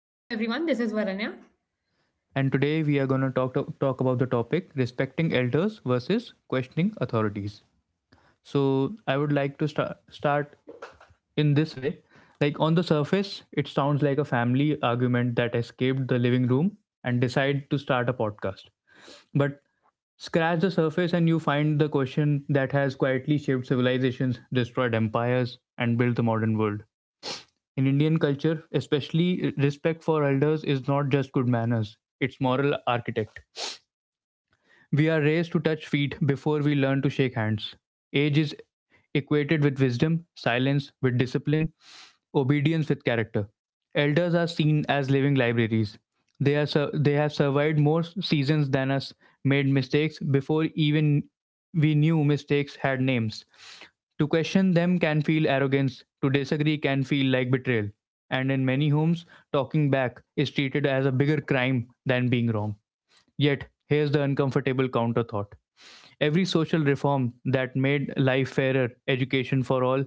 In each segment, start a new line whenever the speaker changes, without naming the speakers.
Hello, everyone. This is Varanya.
and today we are going to talk about the topic respecting elders versus questioning authorities. So, I would like to start in this way, like on the surface it sounds like a family argument that escaped the living room and decided to start a podcast, but scratch the surface and you find the question that has quietly shaped civilizations, destroyed empires, and built the modern world. In Indian culture especially, respect for elders is not just good manners, it's moral architect. We are raised to touch feet before we learn to shake hands. Age is equated with wisdom, silence with discipline, obedience with character. Elders are seen as living libraries. They have survived more seasons than us, made mistakes before even we knew mistakes had names. To question them can feel arrogance, to disagree can feel like betrayal. And in many homes, talking back is treated as a bigger crime than being wrong. Yet, here's the uncomfortable counter thought. Every social reform that made life fairer, education for all,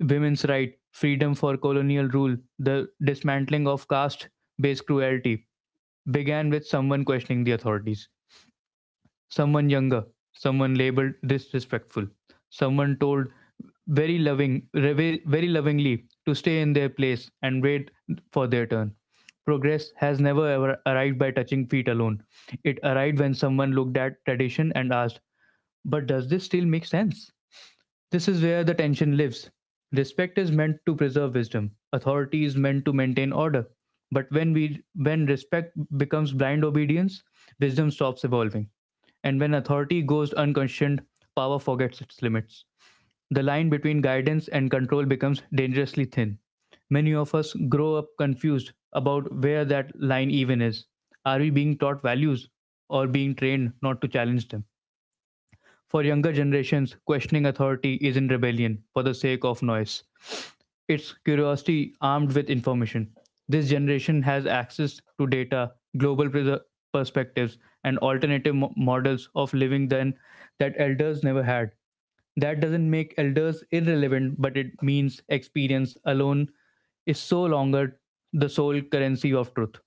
women's right, freedom for colonial rule, the dismantling of caste based cruelty, began with someone questioning the authorities. Someone younger, someone labeled disrespectful, someone told very loving, very lovingly to stay in their place and wait for their turn. Progress has never ever arrived by touching feet alone. It arrived when someone looked at tradition and asked, but does this still make sense? This is where the tension lives. Respect is meant to preserve wisdom, authority is meant to maintain order. But when respect becomes blind obedience, wisdom stops evolving. And when authority goes unquestioned, power forgets its limits. The line between guidance and control becomes dangerously thin. Many of us grow up confused about where that line even is. Are we being taught values or being trained not to challenge them? For younger generations, questioning authority isn't rebellion for the sake of noise. It's curiosity armed with information. This generation has access to data, perspectives, and models of living then that elders never had. That doesn't make elders irrelevant, but it means experience alone is so longer the sole currency of truth.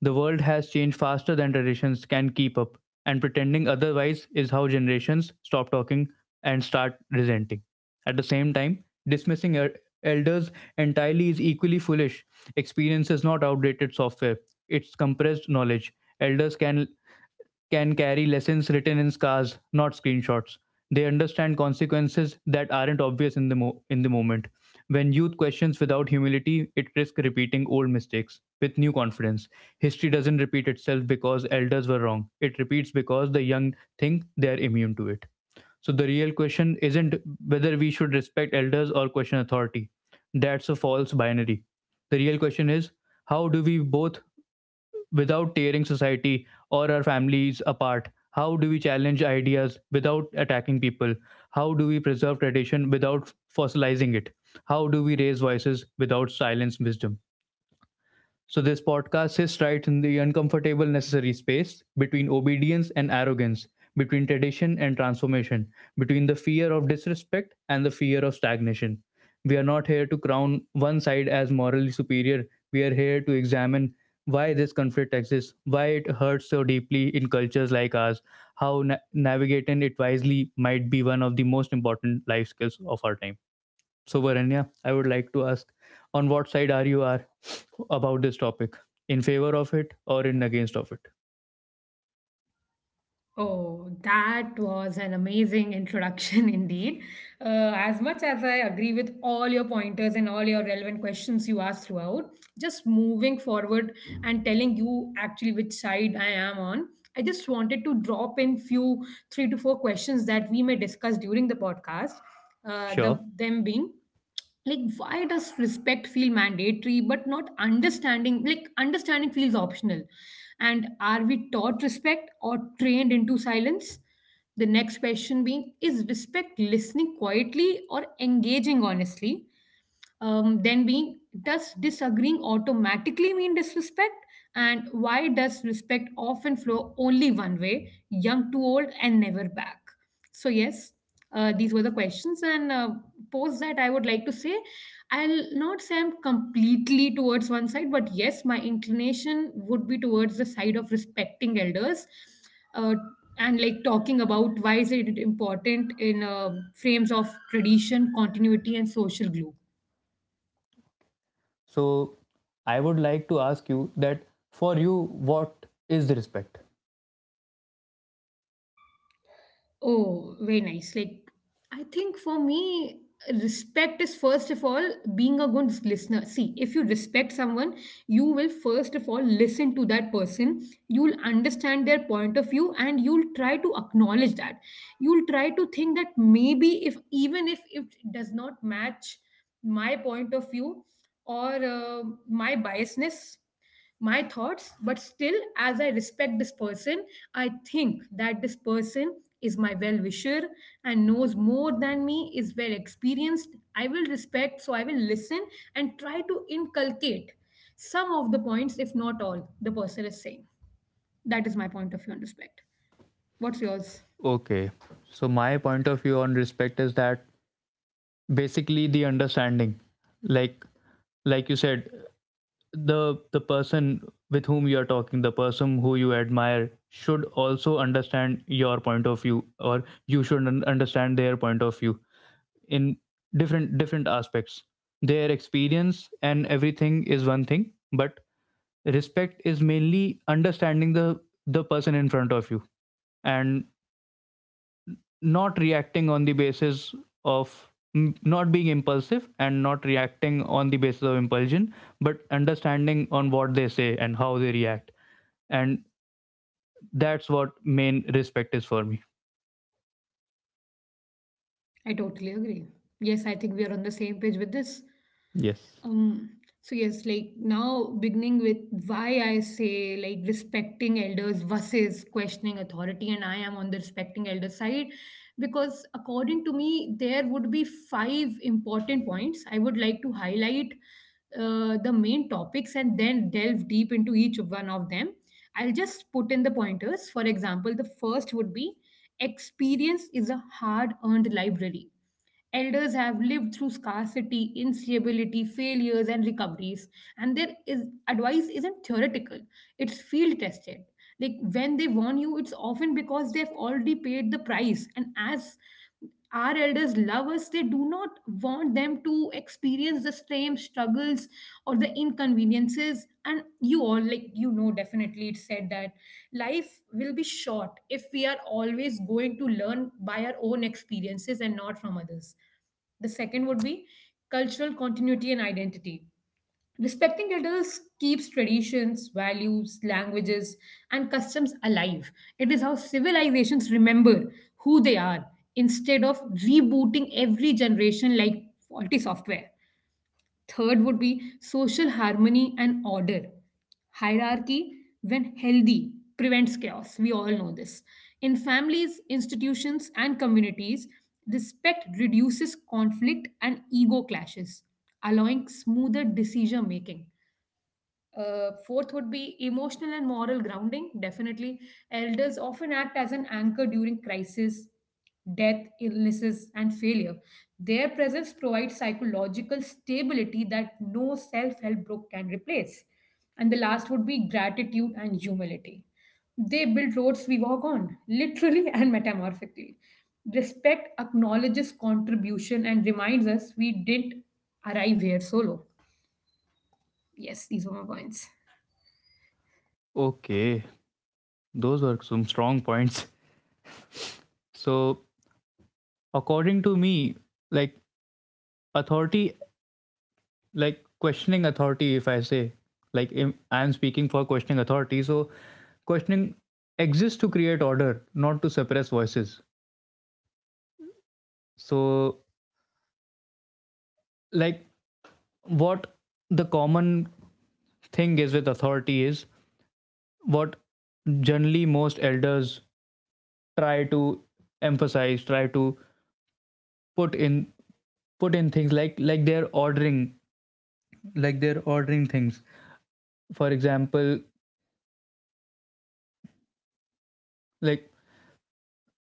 The world has changed faster than traditions can keep up, and pretending otherwise is how generations stop talking and start resenting. At the same time, elders entirely is equally foolish. Experience is not outdated software, it's compressed knowledge. Elders can carry lessons written in scars, not screenshots. They understand consequences that aren't obvious in the moment. When youth questions without humility, it risks repeating old mistakes with new confidence. History doesn't repeat itself because elders were wrong. It repeats because the young think they are immune to it. So the real question isn't whether we should respect elders or question authority. That's a false binary. The real question is, how do we both, without tearing society or our families apart, how do we challenge ideas without attacking people? How do we preserve tradition without fossilizing it? How do we raise voices without silence wisdom? So, this podcast sits right in the uncomfortable necessary space between obedience and arrogance, between tradition and transformation, between the fear of disrespect and the fear of stagnation. We are not here to crown one side as morally superior. We are here to examine why this conflict exists, why it hurts so deeply in cultures like ours, how navigating it wisely might be one of the most important life skills of our time. So, Varanya, I would like to ask, on what side are you are about this topic? In favor of it or in against of it?
Oh, that was an amazing introduction indeed. As much as I agree with all your pointers and all your relevant questions you asked throughout, just moving forward and telling you actually which side I am on, I just wanted to drop in few three to four questions that we may discuss during the podcast. The
Sure.
them being like, why does respect feel mandatory but not understanding, like understanding feels optional? And are we taught respect or trained into silence? The next question being, is respect listening quietly or engaging honestly? Then being, does disagreeing automatically mean disrespect? And why does respect often flow only one way, young to old, and never back? So yes, these were the questions, and post that I would like to say I'll not say I'm completely towards one side, but yes, my inclination would be towards the side of respecting elders. Uh, and like talking about why is it important in frames of tradition, continuity, and social glue.
So, I would like to ask you that, for you, what is respect?
Oh, very nice. Like, I think for me, respect is first of all being a good listener. See, if you respect someone, you will first of all listen to that person. You'll understand their point of view and you'll try to acknowledge that. You'll try to think that maybe if even if it does not match my point of view, or my biasness, my thoughts, but still as I respect this person, I think that this person is my well wisher and knows more than me, is well experienced, I will respect, so I will listen and try to inculcate some of the points, if not all, the person is saying. That is my point of view on respect. What's yours?
Okay. So, my point of view on respect is that basically the understanding, like like you said, the person with whom you are talking, the person who you admire should also understand your point of view, or you should understand their point of view in different different aspects. Their experience and everything is one thing, but respect is mainly understanding the person in front of you, and not reacting on the basis of, not being impulsive and not reacting on the basis of impulsion, but understanding on what they say and how they react, and that's what main respect is for me.
I totally agree. Yes, I think we are on the same page with this.
Yes.
So yes, like now beginning with why I say like respecting elders versus questioning authority, and I am on the respecting elder side, because according to me there would be five important points I would like to highlight. The main topics, and then delve deep into each one of them. I'll just put in the pointers. For example, the first would be experience is a hard earned library. Elders have lived through scarcity, instability, failures, and recoveries. And advice isn't theoretical, it's field tested. Like when they warn you, it's often because they've already paid the price. And as our elders love us, they do not want them to experience the same struggles or the inconveniences. And you all, like, you know, definitely it said that life will be short if we are always going to learn by our own experiences and not from others. The second would be cultural continuity and identity. Respecting elders keeps traditions, values, languages, and customs alive. It is how civilizations remember who they are instead of rebooting every generation like faulty software. Third would be social harmony and order. Hierarchy, when healthy, prevents chaos. We all know this. In families, institutions, and communities, respect reduces conflict and ego clashes, allowing smoother decision making. Fourth would be emotional and moral grounding. Definitely, elders often act as an anchor during crisis, death, illnesses, and failure. Their presence provides psychological stability that no self help group can replace. And the last would be gratitude and humility. They build roads we walk on, literally and metamorphically. Respect acknowledges contribution and reminds us we didn't arrive here solo. Yes, these were my points.
Okay, those were some strong points. So, according to me, like authority, like questioning authority, if I say, like I am speaking for questioning authority, so questioning exists to create order, not to suppress voices. So, like what the common thing is with authority is, what generally most elders try to emphasize, try to put in put in things like they're ordering, like they're ordering things. For example, like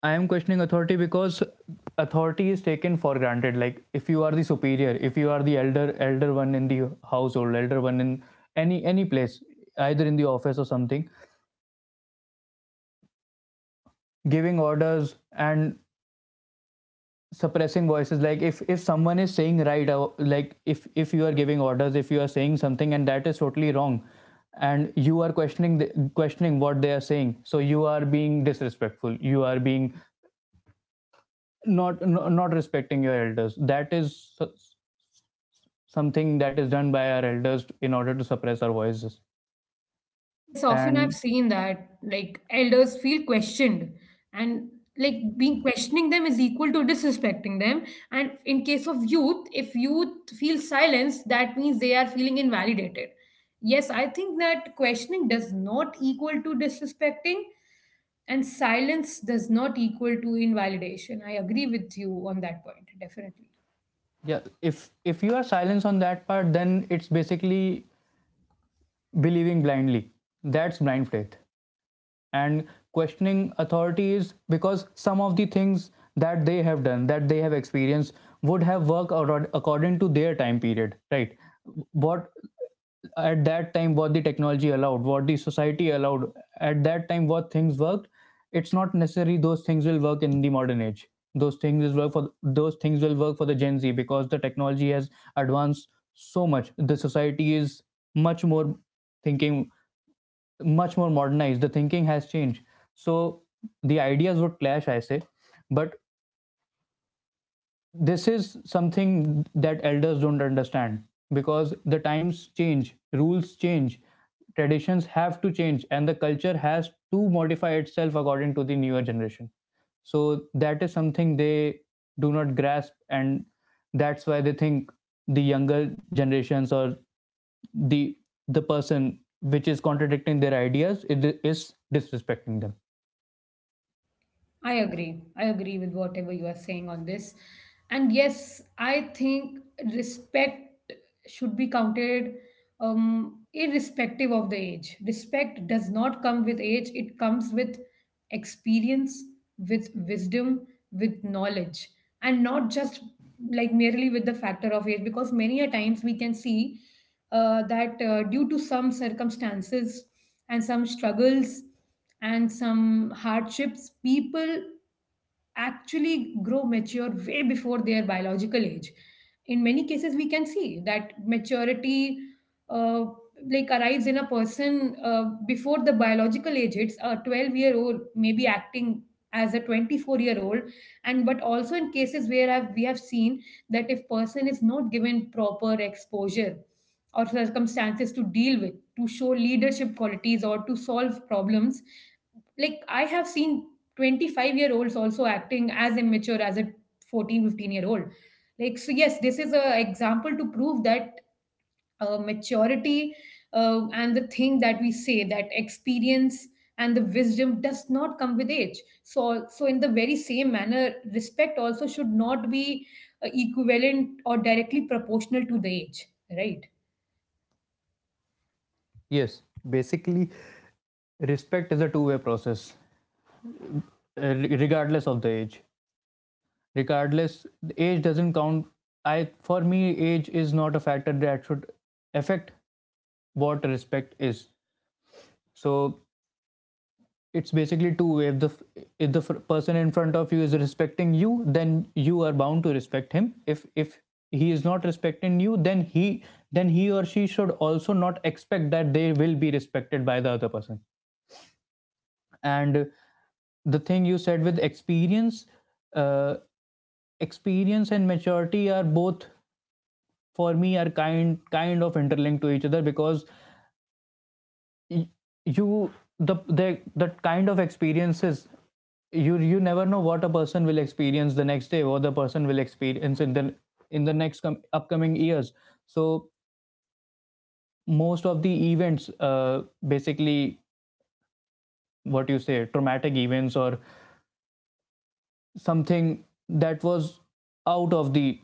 I am questioning authority because authority is taken for granted. Like if you are the superior, if you are the elder one in the household, elder one in any place, either in the office or something, giving orders and suppressing voices. Like if someone is saying right, like if you are giving orders, if you are saying something and that is totally wrong, and you are questioning questioning what they are saying, so you are being disrespectful, you are being not respecting your elders. That is something that is done by our elders in order to suppress our voices.
Yes, often I've
And
seen that like elders feel questioned and like being questioning them is equal to disrespecting them. And in case of youth, if youth feel silenced, that means they are feeling invalidated. Yes, I think that questioning does not equal to disrespecting, and silence does not equal to invalidation. I agree with you on that point, definitely.
yeah, if if you are silence on that part, then it's basically believing blindly, that's blind faith. And questioning authorities, because some of the things that they have done, that they have experienced, would have worked according to their time period, right? What at that time, what the technology allowed, what the society allowed at that time, what things worked, it's not necessary those things will work in the modern age. Those things will work for the Gen Z because the technology has advanced so much, the society is much more thinking, much more modernized, the thinking has changed. So the ideas would clash, I say. But this is something that elders don't understand, because the times change, rules change, traditions have to change, and the culture has to modify itself according to the newer generation. So that is something they do not grasp, and that's why they think the younger generations, or the the person which is contradicting their ideas, it is disrespecting them.
I agree. I agree with whatever you are saying on this. And yes, I think respect should be counted, irrespective of the age. Respect does not come with age, it comes with experience, with wisdom, with knowledge, and not just like merely with the factor of age, because many a times we can see that due to some circumstances and some struggles and some hardships, people actually grow mature way before their biological age. In many cases, we can see that maturity uh, like arrives in a person before the biological age. It's a 12-year-old year old maybe acting as a 24-year-old year old. And but also in cases where we have seen that if person is not given proper exposure or circumstances to deal with, to show leadership qualities or to solve problems, like I have seen 25-year-olds year olds also acting as immature as a 14, 15-year old. Like, so yes, this is a example to prove that maturity, and the thing that we say that experience and the wisdom does not come with age, so so in the very same manner, respect also should not be equivalent or directly proportional to the age, right?
Yes, basically, respect is a two-way process regardless of the age. Regardless, the age doesn't count. I, for me, age is not a factor that should affect what respect is. So it's basically two way. If the if the person in front of you is respecting you, then you are bound to respect him. If he is not respecting you, then he or she should also not expect that they will be respected by the other person. And the thing you said with experience, uh, experience and maturity are both, for me, are kind of interlinked to each other, because you, the that kind of experiences, you never know what a person will experience the next day, what the person will experience in the upcoming years. So most of the events basically, what you say, traumatic events, or something that was out of the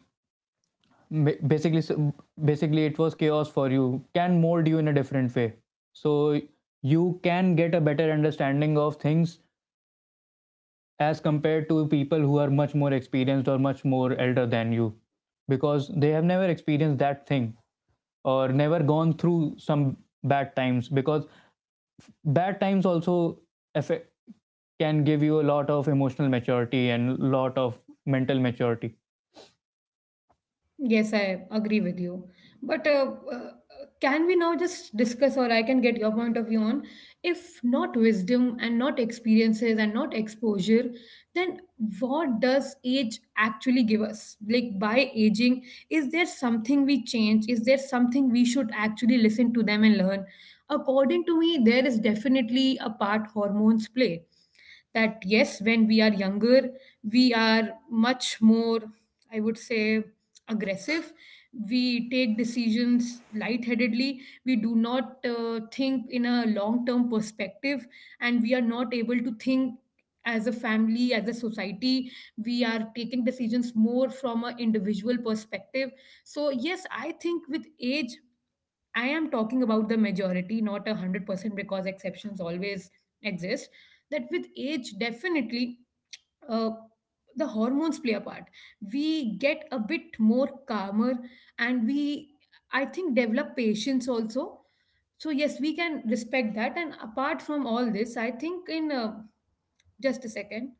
basically, so, basically it was chaos for you, can mold you in a different way. So you can get a better understanding of things as compared to people who are much more experienced or much more elder than you, because they have never experienced that thing, or never gone through some bad times. Because bad times also affect, can give you a lot of emotional maturity and a lot of mental maturity.
Yes, I agree with you. But can we now just discuss, or I can get your point of view on, if not wisdom and not experiences and not exposure, then what does age actually give us? Like by aging, is there something we change? Is there something we should actually listen to them and learn? According to me, there is definitely a part hormones play. That yes, when we are younger, we are much more, I would say, aggressive. We take decisions lightheadedly, we do not think in a long term perspective, and we are not able to think as a family, as a society. We are taking decisions more from an individual perspective. So yes, I think with age, I am talking about the majority, not 100%, because exceptions always exist. That with age, definitely, uh, the hormones play a part. We get a bit more calmer, and we, I think, develop patience also. So yes, we can respect that. And apart from all this, I think in just a second.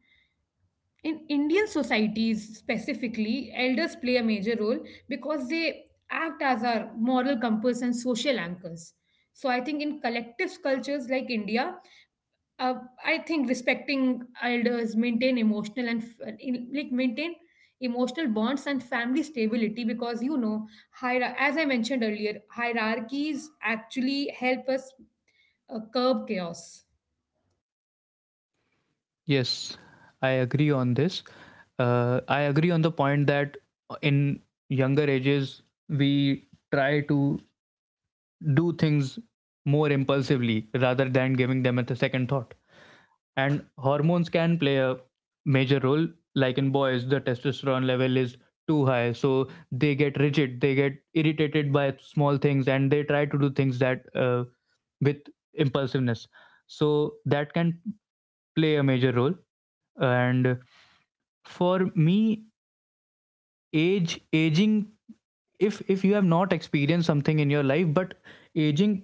In Indian societies specifically, elders play a major role because they act as our moral compass and social anchors. So I think in collective cultures like India, uh, I think respecting elders maintain emotional and like maintain emotional bonds and family stability, because you know, as I mentioned earlier, hierarchies actually help us curb chaos.
Yes, I agree on this. I agree on the point that in younger ages we try to do things more impulsively rather than giving them a second thought. And hormones can play a major role. Like in boys, the testosterone level is too high, so they get rigid, they get irritated by small things, and they try to do things that with impulsiveness. So that can play a major role. And for me, age aging if you have not experienced something in your life, but aging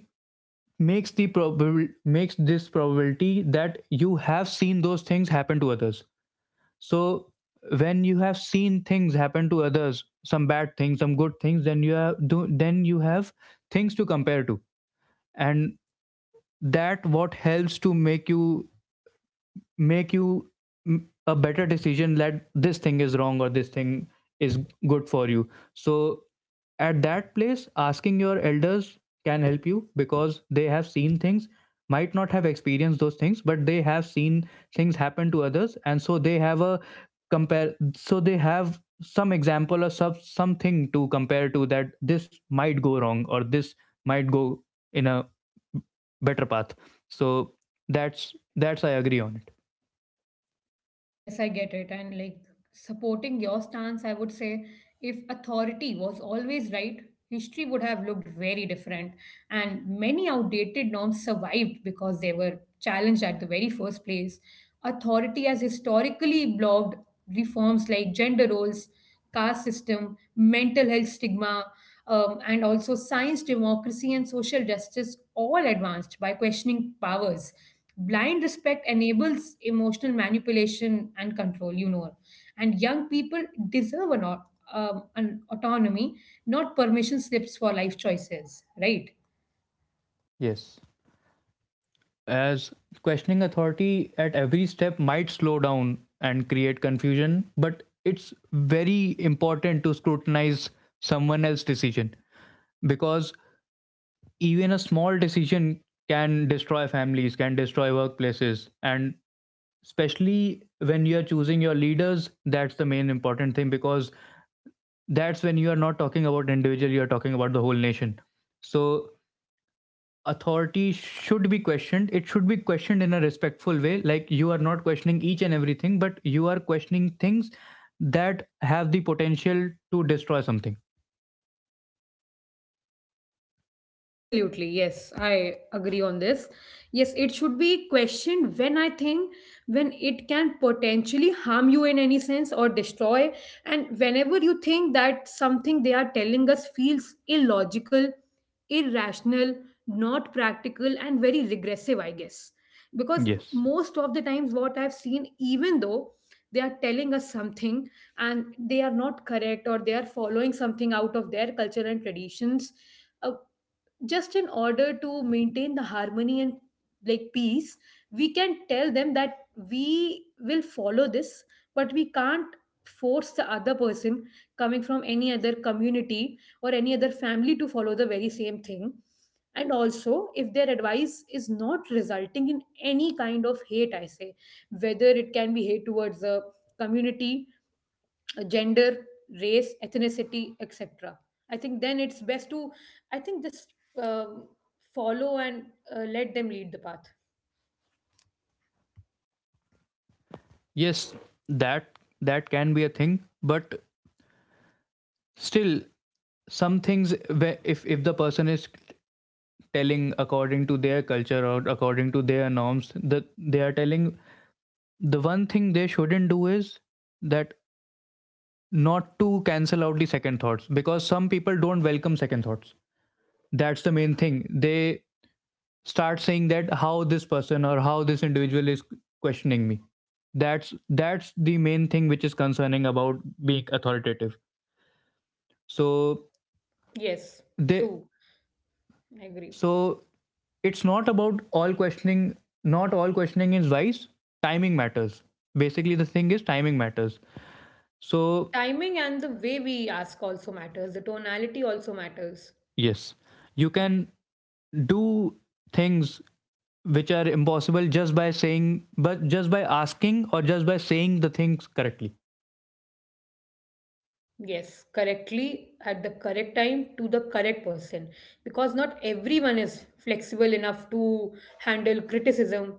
makes the probable makes this probability that you have seen those things happen to others. So when you have seen things happen to others, some bad things, some good things, then then you have things to compare to, and that what helps to make you a better decision, that this thing is wrong or this thing is good for you. So at that place, asking your elders can help you because they have seen things, might not have experienced those things, but they have seen things happen to others, and so they have a compare, so they have some example, or something to compare to, that this might go wrong or this might go in a better path. So that's I agree on it.
Yes, I get it. And like supporting your stance, I would say if authority was always right, history would have looked very different. And many outdated norms survived because they were challenged at the very first place. Authority has historically blocked reforms like gender roles, caste system, mental health stigma, and also science, democracy, and social justice, all advanced by questioning powers. Blind respect enables emotional manipulation and control, you know, and young people deserve an autonomy, not permission slips for life choices, right?
Yes. As questioning authority at every step might slow down and create confusion, but it's very important to scrutinize someone else's decision, because even a small decision can destroy families, can destroy workplaces, and especially when you're choosing your leaders, that's the main important thing, because that's when you are not talking about individual, you're talking about the whole nation. So authority should be questioned, it should be questioned in a respectful way, like you are not questioning each and everything, but you are questioning things that have the potential to destroy something.
Absolutely, yes, I agree on this. Yes, it should be questioned when I think, when it can potentially harm you in any sense or destroy, and whenever you think that something they are telling us feels illogical, irrational, not practical, and very regressive, I guess. Because
Yes.
most of the times, what I've seen, even though they are telling us something and they are not correct, or they are following something out of their culture and traditions, uh, just in order to maintain the harmony and like peace, we can tell them that we will follow this, but we can't force the other person coming from any other community or any other family to follow the very same thing. And also if their advice is not resulting in any kind of hate, I say, whether it can be hate towards the community, gender, race, ethnicity, etc., I think then it's best to, I think, just follow and let them lead the path.
Yes, that can be a thing, but still, some things where, if the person is telling according to their culture or according to their norms, that they are telling, the one thing they shouldn't do is that, not to cancel out the second thoughts, because some people don't welcome second thoughts. That's the main thing. They start saying that how this person or how this individual is questioning me. That's the main thing which is concerning about being authoritative. So
Yes,
they
true. I agree.
so it's not about all questioning, not all questioning is wise. Timing matters. Basically the thing is timing matters. So
Timing and the way we ask also matters. The tonality also matters.
yes, you can do things which are impossible just by saying, but just by asking or just by saying the things correctly.
Yes, correctly at the correct time to the correct person, because not everyone is flexible enough to handle criticism.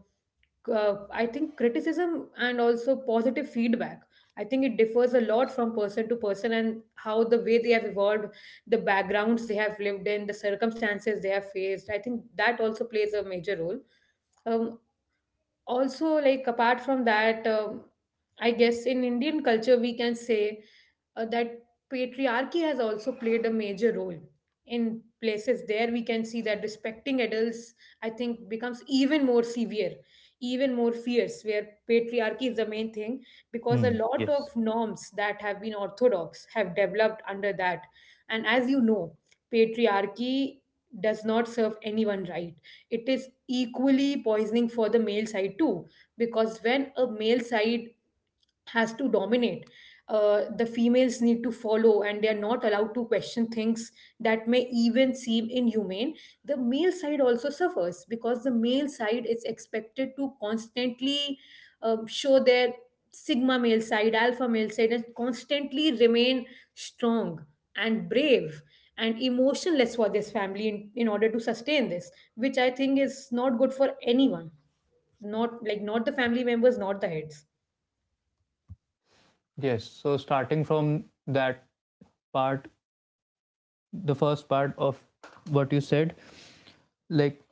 I think criticism and also positive feedback, I think it differs a lot from person to person and how the way they have evolved, the backgrounds they have lived in, the circumstances they have faced. I think that also plays a major role. Um, also like apart from that I guess in Indian culture we can say that patriarchy has also played a major role in places. There we can see that respecting adults, I think, becomes even more severe, even more fierce where patriarchy is the main thing, because a
Hmm.
lot
Yes.
of norms that have been orthodox have developed under that. And as you know, patriarchy does not serve anyone right. It is equally poisoning for the male side too, because when a male side has to dominate. The females need to follow, and they are not allowed to question things that may even seem inhumane. The male side also suffers because the male side is expected to constantly show their sigma male side, alpha male side, and constantly remain strong and brave and emotionless for this family in order to sustain this, which I think is not good for anyone. Not like not the family members, not the heads.
Yes, so starting from that part, the first part of what you said, like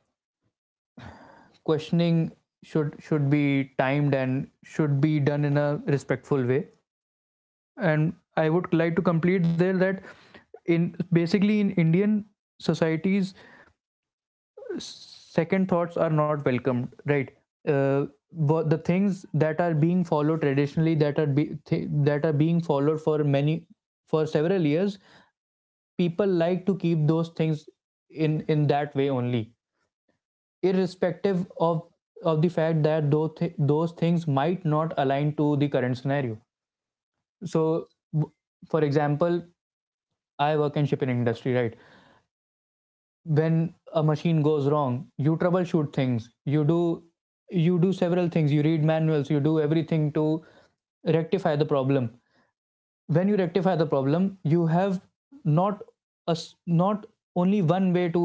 questioning should be timed and should be done in a respectful way. And I would like to complete there, that in basically in Indian societies, second thoughts are not welcomed, right? uh, but the things that are being followed traditionally, that are being followed for many, for several years, people like to keep those things in that way only, irrespective of the fact that those things might not align to the current scenario. So for example, I work in shipping industry, right? When a machine goes wrong, you troubleshoot things, you do several things, you read manuals, you do everything to rectify the problem. When you rectify the problem, you have not a s not only one way to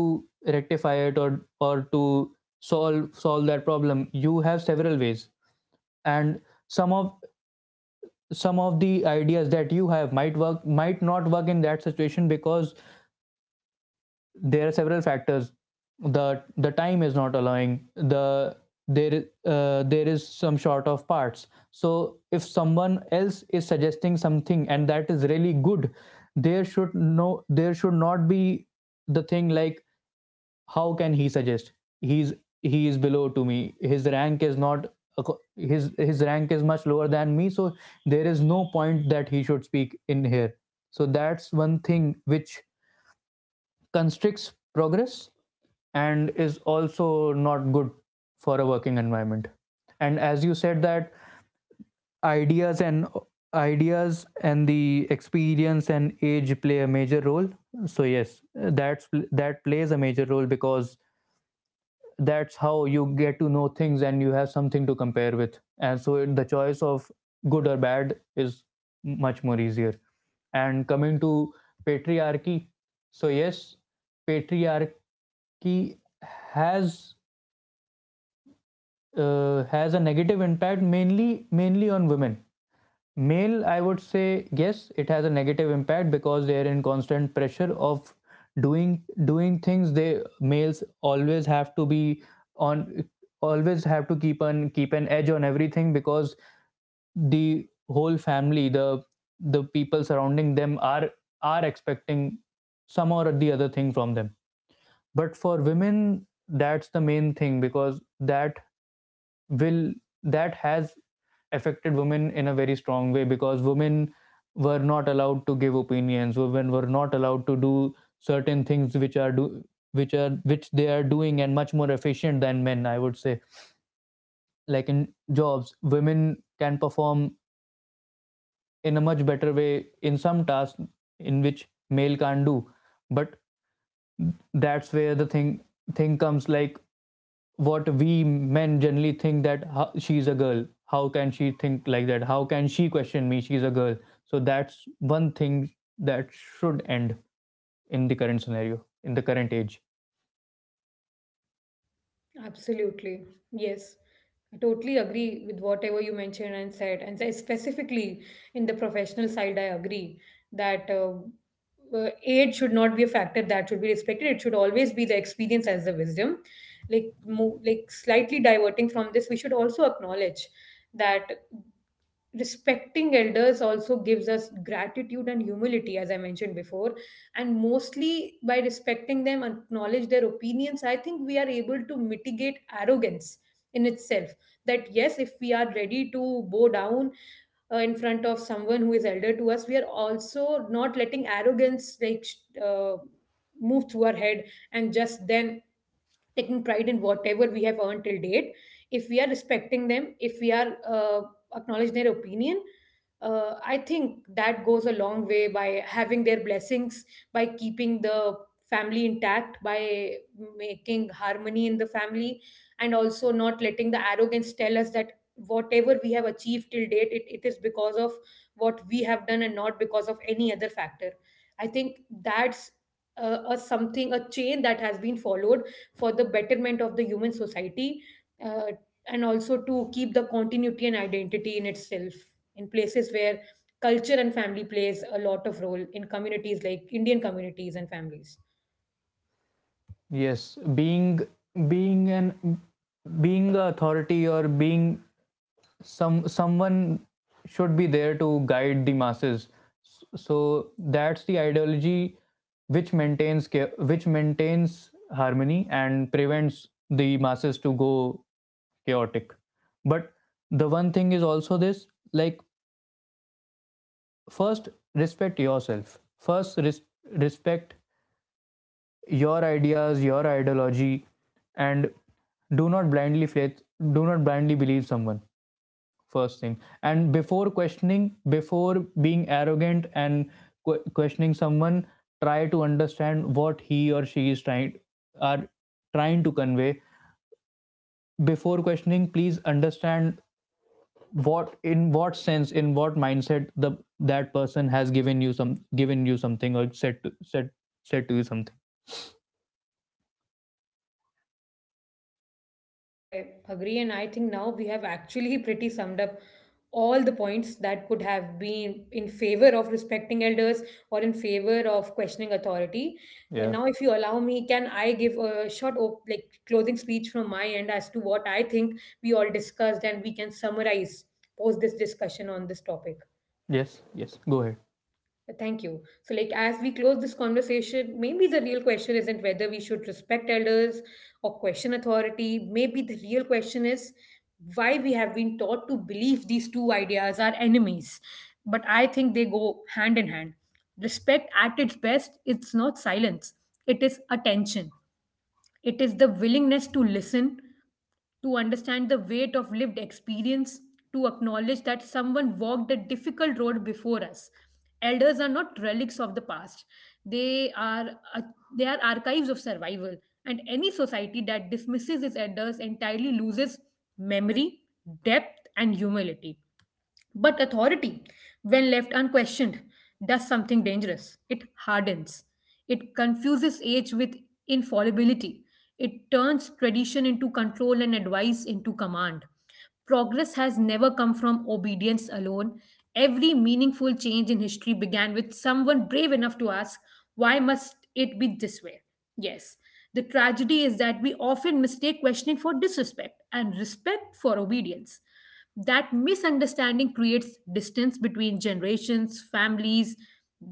rectify it, or to solve that problem, you have several ways. And some of some of the ideas that you have might work, might not work in that situation, because there are several factors. The time is not allowing the, there is some short of parts. So if someone else is suggesting something and that is really good, there should not be the thing like, how can he suggest? he's he is below to me, his rank is not his rank is much lower than me, so there is no point that he should speak in here. So that's one thing which constricts progress and is also not good for a working environment. And as you said, that ideas and ideas and the experience and age play a major role. So yes, that plays a major role, because that's how you get to know things, and you have something to compare with, and so the choice of good or bad is much more easier. And coming to patriarchy, so yes, patriarchy has has a negative impact, mainly on women. Male, I would say yes, it has a negative impact, because they are in constant pressure of doing things. They, males always have to be on, always have to keep on, keep an edge on everything, because the whole family, the people surrounding them are expecting some or the other thing from them. But for women, that's the main thing, because will that has affected women in a very strong way, because women were not allowed to give opinions, women were not allowed to do certain things which are do which are, which they are doing, and much more efficient than men, I would say. Like in jobs, women can perform in a much better way in some tasks in which male can't do. But that's where the thing comes, like, what we men generally think, that how, she's a girl, how can she think like that, how can she question me, she's a girl. So that's one thing that should end in the current scenario, in the current age.
Absolutely. Yes. I totally agree with whatever you mentioned and said. And so specifically in the professional side, I agree that age should not be a factor that should be respected. It should always be the experience as the wisdom. Like, like slightly diverting from this, we should also acknowledge that respecting elders also gives us gratitude and humility, as I mentioned before, and mostly by respecting them, acknowledge their opinions. I think we are able to mitigate arrogance in itself, that yes, if we are ready to bow down in front of someone who is elder to us, we are also not letting arrogance, uh, move through our head and just then taking pride in whatever we have earned till date. If we are respecting them, if we are acknowledging their opinion, I think that goes a long way by having their blessings, by keeping the family intact, by making harmony in the family, and also not letting the arrogance tell us that whatever we have achieved till date, it is because of what we have done and not because of any other factor. I think that's a something, a chain that has been followed for the betterment of the human society, uh, and also to keep the continuity and identity in itself in places where culture and family plays a lot of role in communities like Indian communities and families.
Yes, being an being a authority, or being someone should be there to guide the masses. So that's the ideology which maintains, which maintains harmony and prevents the masses to go chaotic. But the one thing is also this, like, first, respect yourself, first res- respect your ideas, your ideology, and do not blindly faith, do not blindly believe someone. First thing, and before questioning, before being arrogant and questioning someone, try to understand what he or she is trying are trying to convey. Before questioning, please understand what in what sense, in what mindset the, that person has given you something, or said to you something.
I agree, and I think now we have actually pretty summed up all the points that could have been in favor of respecting elders or in favor of questioning authority.
Yeah.
Now, if you allow me, can I give a short, like, closing speech from my end as to what I think we all discussed, and we can summarize post this discussion on this topic?
Yes, yes, go ahead.
Thank you. So, like, as we close this conversation, maybe the real question isn't whether we should respect elders or question authority. Maybe the real question is why we have been taught to believe these two ideas are enemies. But I think they go hand in hand. Respect at its best, it's not silence, it is attention. It is the willingness to listen, to understand the weight of lived experience, to acknowledge that someone walked a difficult road before us. Elders are not relics of the past. They are uh, they are archives of survival. And any society that dismisses its elders entirely loses memory, depth, and humility. But authority, when left unquestioned, does something dangerous. It hardens. It confuses age with infallibility. It turns tradition into control and advice into command. Progress has never come from obedience alone. Every meaningful change in history began with someone brave enough to ask, why must it be this way? Yes, the tragedy is that we often mistake questioning for disrespect and respect for obedience. That misunderstanding creates distance between generations, families,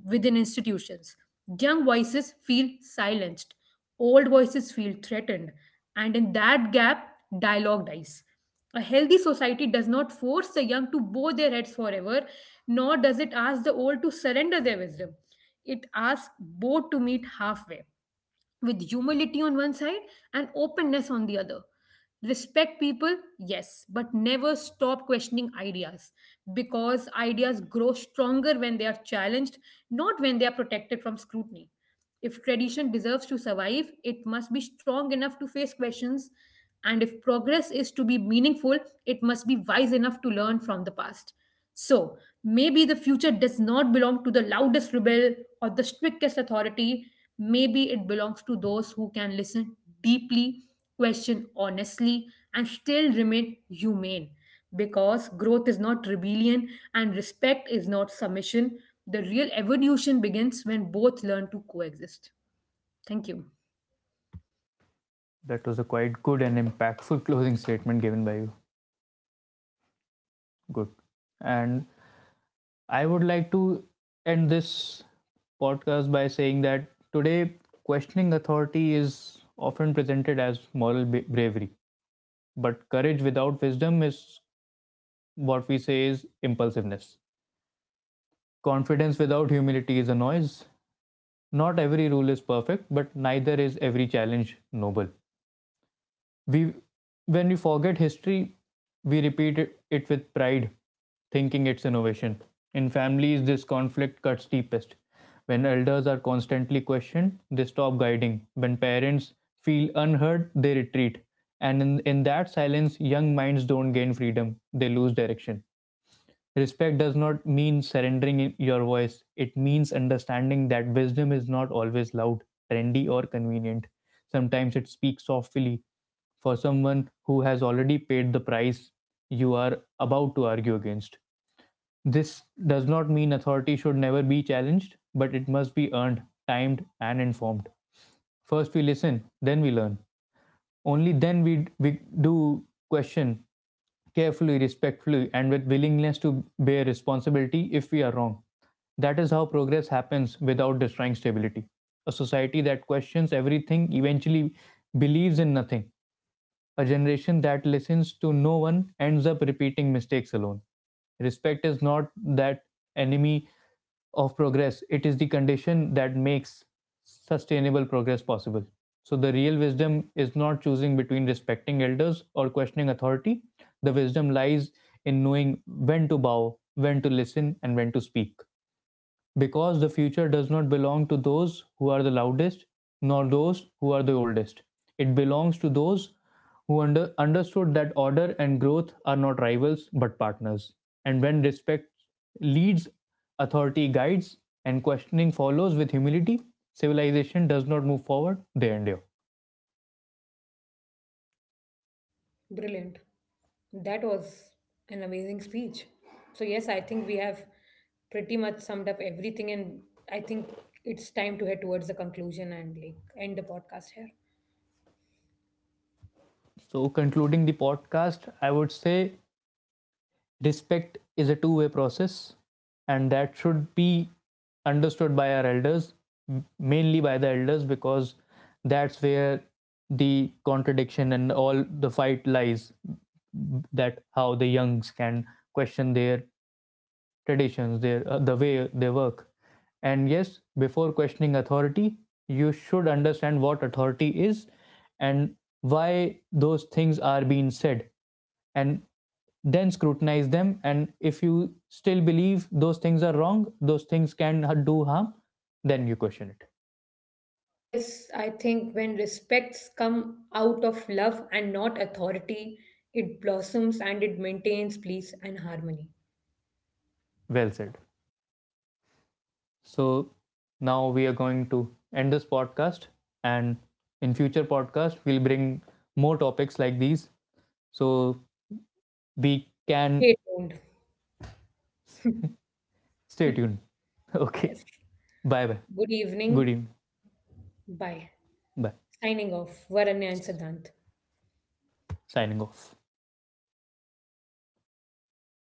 within institutions. Young voices feel silenced, old voices feel threatened, and in that gap, dialogue dies. A healthy society does not force the young to bow their heads forever, nor does it ask the old to surrender their wisdom. It asks both to meet halfway, with humility on one side and openness on the other. Respect people, yes, but never stop questioning ideas, because ideas grow stronger when they are challenged, not when they are protected from scrutiny. If tradition deserves to survive, it must be strong enough to face questions, and if progress is to be meaningful, it must be wise enough to learn from the past. So, maybe the future does not belong to the loudest rebel or the strictest authority. Maybe it belongs to those who can listen deeply, question honestly, and still remain humane. Because growth is not rebellion and respect is not submission. The real evolution begins when both learn to coexist. Thank you.
That was a quite good and impactful closing statement given by you. Good. And I would like to end this podcast by saying that, today, questioning authority is often presented as moral bravery, but courage without wisdom is, what we say, is impulsiveness. Confidence without humility is a noise. Not every rule is perfect, but neither is every challenge noble. We When we forget history, we repeat it with pride, thinking it's innovation. In families, this conflict cuts deepest. When elders are constantly questioned, they stop guiding. When parents feel unheard, they retreat. And in that silence, young minds don't gain freedom, they lose direction. Respect does not mean surrendering your voice. It means understanding that wisdom is not always loud, trendy, or convenient. Sometimes it speaks softly, for someone who has already paid the price you are about to argue against. This does not mean authority should never be challenged, but it must be earned, timed, and informed. First, we listen, then we learn. Only then we do question, carefully, respectfully, and with willingness to bear responsibility if we are wrong. That is how progress happens without destroying stability. A society that questions everything eventually believes in nothing. A generation that listens to no one ends up repeating mistakes alone. Respect is not that enemy of progress, it is the condition that makes sustainable progress possible. So, the real wisdom is not choosing between respecting elders or questioning authority. The wisdom lies in knowing when to bow, when to listen, and when to speak, because the future does not belong to those who are the loudest, nor those who are the oldest. It belongs to those who understood that order and growth are not rivals but partners. And when respect leads, authority guides, and questioning follows with humility, civilization does not move forward, they endure.
Brilliant. That was an amazing speech. So, yes, I think we have pretty much summed up everything, and I think it's time to head towards the conclusion and like end the podcast here.
So, concluding the podcast, I would say respect is a two-way process, and that should be understood by our elders, mainly by the elders, because that's where the contradiction and all the fight lies, that how the youngs can question their traditions, their the way they work. And yes, before questioning authority, you should understand what authority is, and why those things are being said, and then scrutinize them. And if you still believe those things are wrong, those things can do harm, then you question it.
And yes, I think when respects come out of love and not authority, it blossoms and it maintains peace and harmony.
Well said. So now we are going to end this podcast, and in future podcast we'll bring more topics like these. So we can
Stay tuned.
stay tuned. Okay.
Yes.
Bye bye.
Good
Good
evening.
evening.
Bye.
Bye.
Signing off. Varanya and Siddhant.
Signing off.